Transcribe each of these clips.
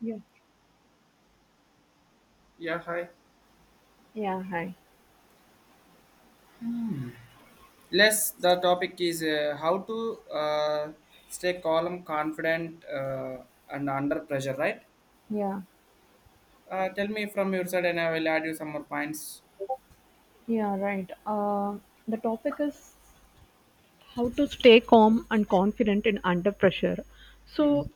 Yeah, Yeah, hi. yeah, hi. Less the topic is how to stay calm, confident, and under pressure, right? Yeah, Tell me from your side, and I will add you some more points. yeah, right. The topic is how to stay calm and confident in under pressure. Mm, So,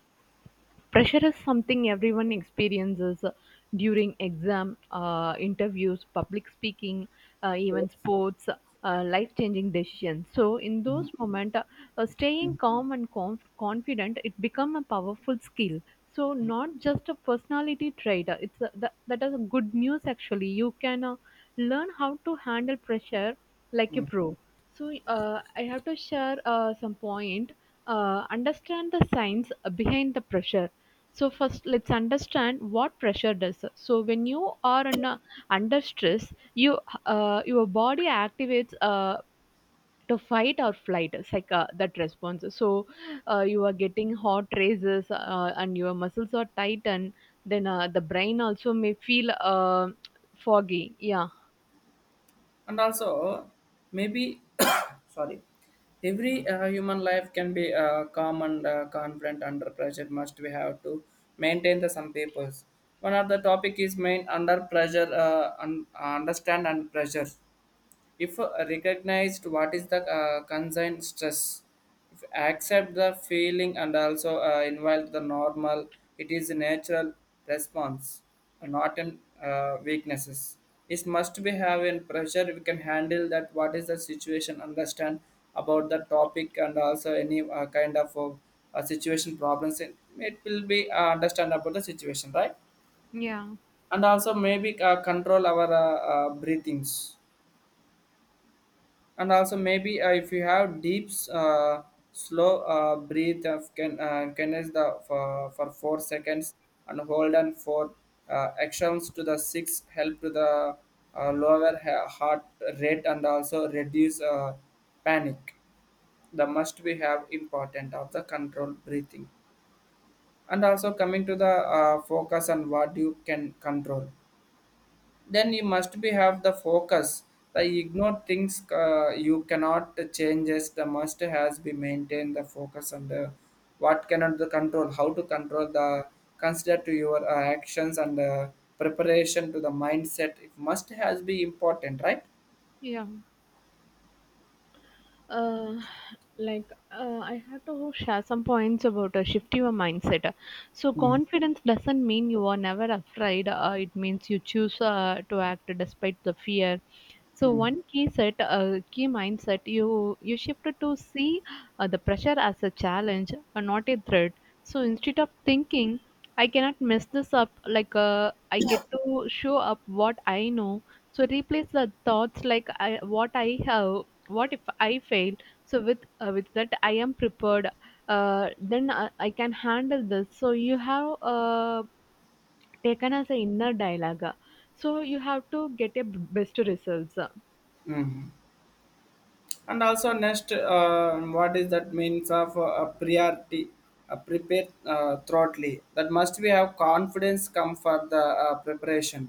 Pressure is something everyone experiences during exam, interviews, public speaking, even yes, sports, life-changing decisions. So in those moments, staying mm, calm and confident, it become a powerful skill. So not just a personality trait. It's a, that is a good news actually. You can learn how to handle pressure like a mm. pro. So I have to share some point. Understand the science behind the pressure. So first, let's understand what pressure does. So when you are under stress, your body activates to fight or flight. It's like that response. So you are getting hot races, and your muscles are tight, and then the brain also may feel foggy. Yeah, And also, maybe, sorry, every human life can be calm and confident under pressure. Must we have to maintain the some papers? One of the topic is main under pressure, understand and pressure. If recognized what is the concern stress, if accept the feeling and also invite the normal, it is a natural response, not in weaknesses. It must be have in pressure we can handle that what is the situation understand about the topic and also any kind of situation problems. It will be understand about the situation, right? yeah, And also maybe control our breathings. And also maybe if you have deep slow breathe of can is the for 4 seconds, and hold on for actions to the six, help to the lower heart rate and also reduce panic. The must we have important of the control breathing. And also coming to the focus on what you can control, then you must be have the focus, the ignore things you cannot changes. The must has be maintain the focus on the what cannot the control, how to control the, consider to your actions and preparation to the mindset. It must has be important, right? yeah. uh, like I have to share some points about shift your mindset. So Mm, confidence doesn't mean you are never afraid. It means you choose to act despite the fear. So mm. one key mindset, you shift to see the pressure as a challenge, not a threat. So instead of thinking I cannot mess this up. Like I get to show up what I know. So replace the thoughts like what I have. What if I fail? So with that I am prepared. I can handle this. So you have taken as an inner dialogue. So you have to get a best results. Mm. And also next, what is that means of a priority, a prepared thoroughly, that must we have confidence come for the preparation.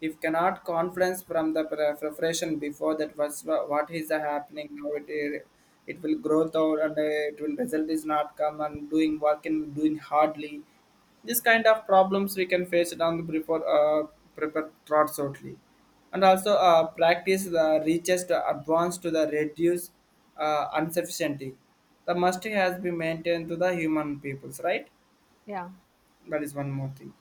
If cannot confidence from the preparation before, that was what is the happening now, it will grow out and it will result is not come and doing work and doing hardly. This kind of problems we can face it on the before prepare thoughts only. And also practice the reaches to advance to the reduce insufficiency. The must has been maintained to the human peoples, right? Yeah. That is one more thing.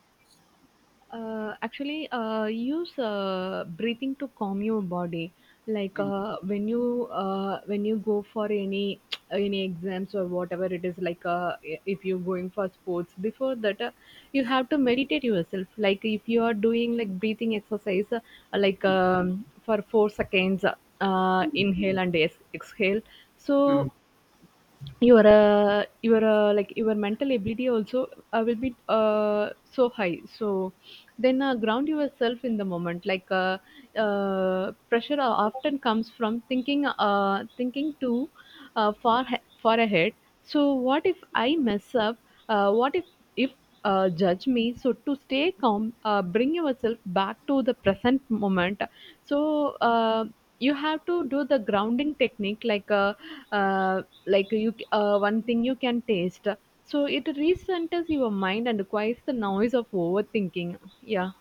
Use breathing to calm your body. Like Mm. When you go for any any exams or whatever it is, like if you're going for sports, before that you have to meditate yourself. Like if you are doing like breathing exercise, for 4 seconds, inhale and exhale. Mm. So your like your mental ability also will be so high, so then ground yourself in the moment, like pressure often comes from thinking thinking too far ahead. So what if I mess up? What if judge me? So to stay calm, bring yourself back to the present moment. So you have to do the grounding technique, like you one thing you can taste. So it recenters your mind and quiets the noise of overthinking. Yeah,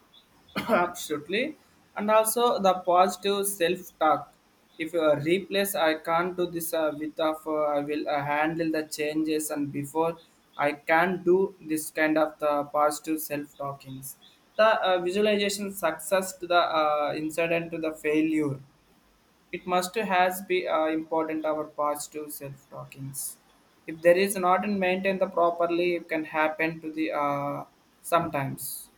Absolutely. And also the positive self-talk. If you replace, I can't do this with of I will handle the changes and before I can do this, kind of the positive self-talkings. The visualization success to the incident to the failure. It must has be important our positive self talkings. If there is not in maintained the properly, it can happen to the sometimes.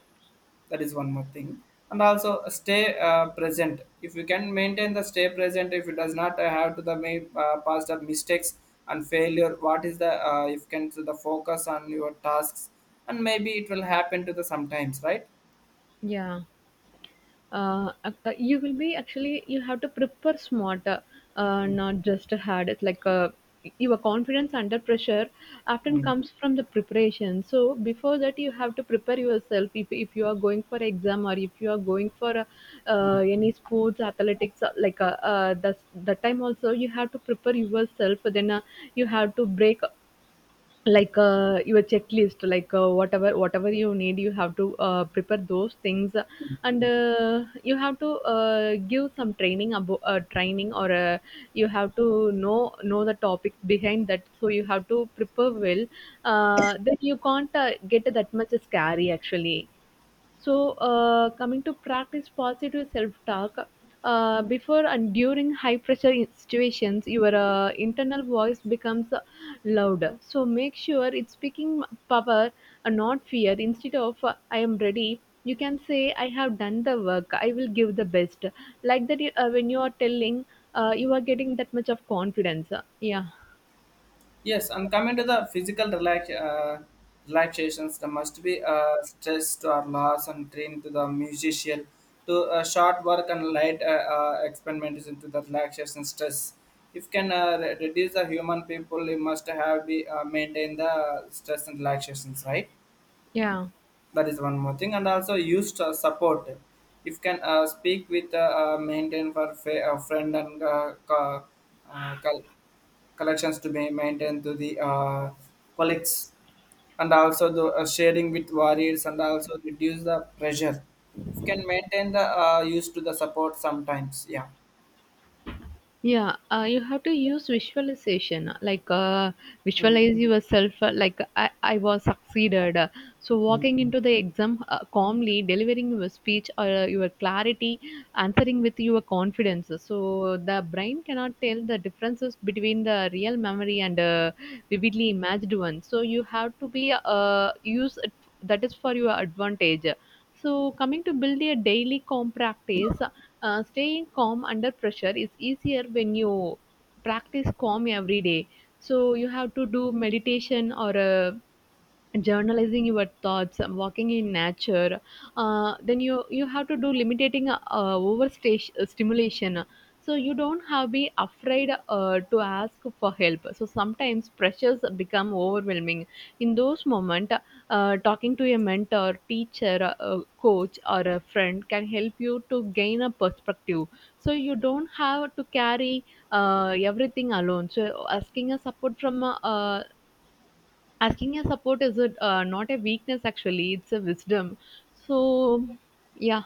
That is one more thing. And also stay present. If you can maintain the stay present, if it does not have to the past of mistakes and failure, what is the if can to the focus on your tasks, and maybe it will happen to the sometimes, right? yeah. Ac- you will be actually you have to prepare smarter, Mm, not just hard. It's like your confidence under pressure often mm, comes from the preparation, so before that you have to prepare yourself, if you are going for exam or if you are going for mm. any sports athletics, like the time also you have to prepare yourself, then you have to break, like your checklist, like whatever you need you have to prepare those things, and you have to give some training about training or you have to know the topics behind that, so you have to prepare well. Then you can't get that much scary actually. So, coming to practice positive self talk, before and during high pressure situations, your internal voice becomes louder. So, make sure it's speaking power and not fear. Instead of I am ready, you can say I have done the work, I will give the best. Like that, when you are telling, you are getting that much of confidence. Yeah, Yes, and coming to the physical relax, relaxations, there must be stress to our loss and train to the musician to short work and light experiments into the relaxation stress. If can reduce the human people, you must have be maintain the stress and relaxations, right? yeah. That is one more thing, and also used support. If can speak with maintain for friend and uh, col- collections to be maintained to the colleagues, and also the sharing with warriors and also reduce the pressure. You can maintain the use to the support sometimes. Yeah. Yeah, you have to use visualization, like Mhm. visualize yourself, I was succeeded. So walking into the exam calmly, delivering your speech or your clarity, answering with your confidence. So the brain cannot tell the differences between the real memory and vividly imagined one. So you have to be use it, that is for your advantage. So, coming to build a daily calm practice, staying calm under pressure is easier when you practice calm every day. So, you have to do meditation or a journalizing your thoughts, walking in nature. Then you have to do limiting stimulation, so you don't have be afraid to ask for help. So sometimes pressures become overwhelming. In those moment, talking to a mentor teacher, coach or a friend can help you to gain a perspective, so you don't have to carry everything alone. So asking a support is a not a weakness actually, it's a wisdom. So yeah,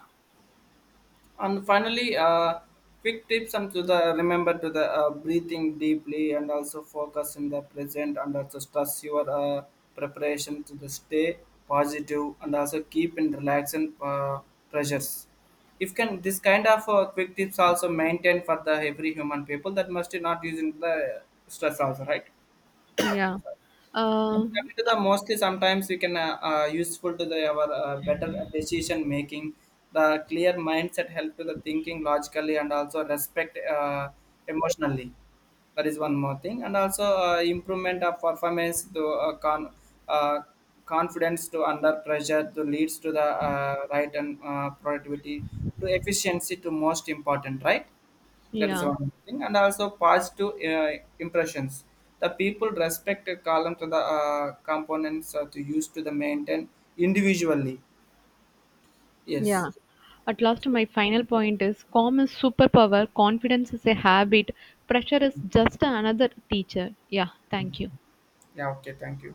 And finally, quick tips and to the remember to the breathing deeply and also focus in the present and also stress your preparation to the stay positive and also keep in relaxing pressures. If can this kind of quick tips also maintain for the every human people, that must not using the stress also, right. yeah, And uh, coming to the mostly sometimes we can useful to the our better decision making, the clear mindset help to the thinking logically and also respect emotionally. That is one more thing, and also improvement of performance to uh, confidence to under pressure to leads to the right and productivity to efficiency to most important, right. That is yeah, one thing, and also positive impressions. The people respect a column to the components to use to the maintain individually. Yes. yeah, at last my final point is calm is superpower, confidence is a habit, pressure is just another teacher. Yeah, thank you. Yeah. Okay. Thank you.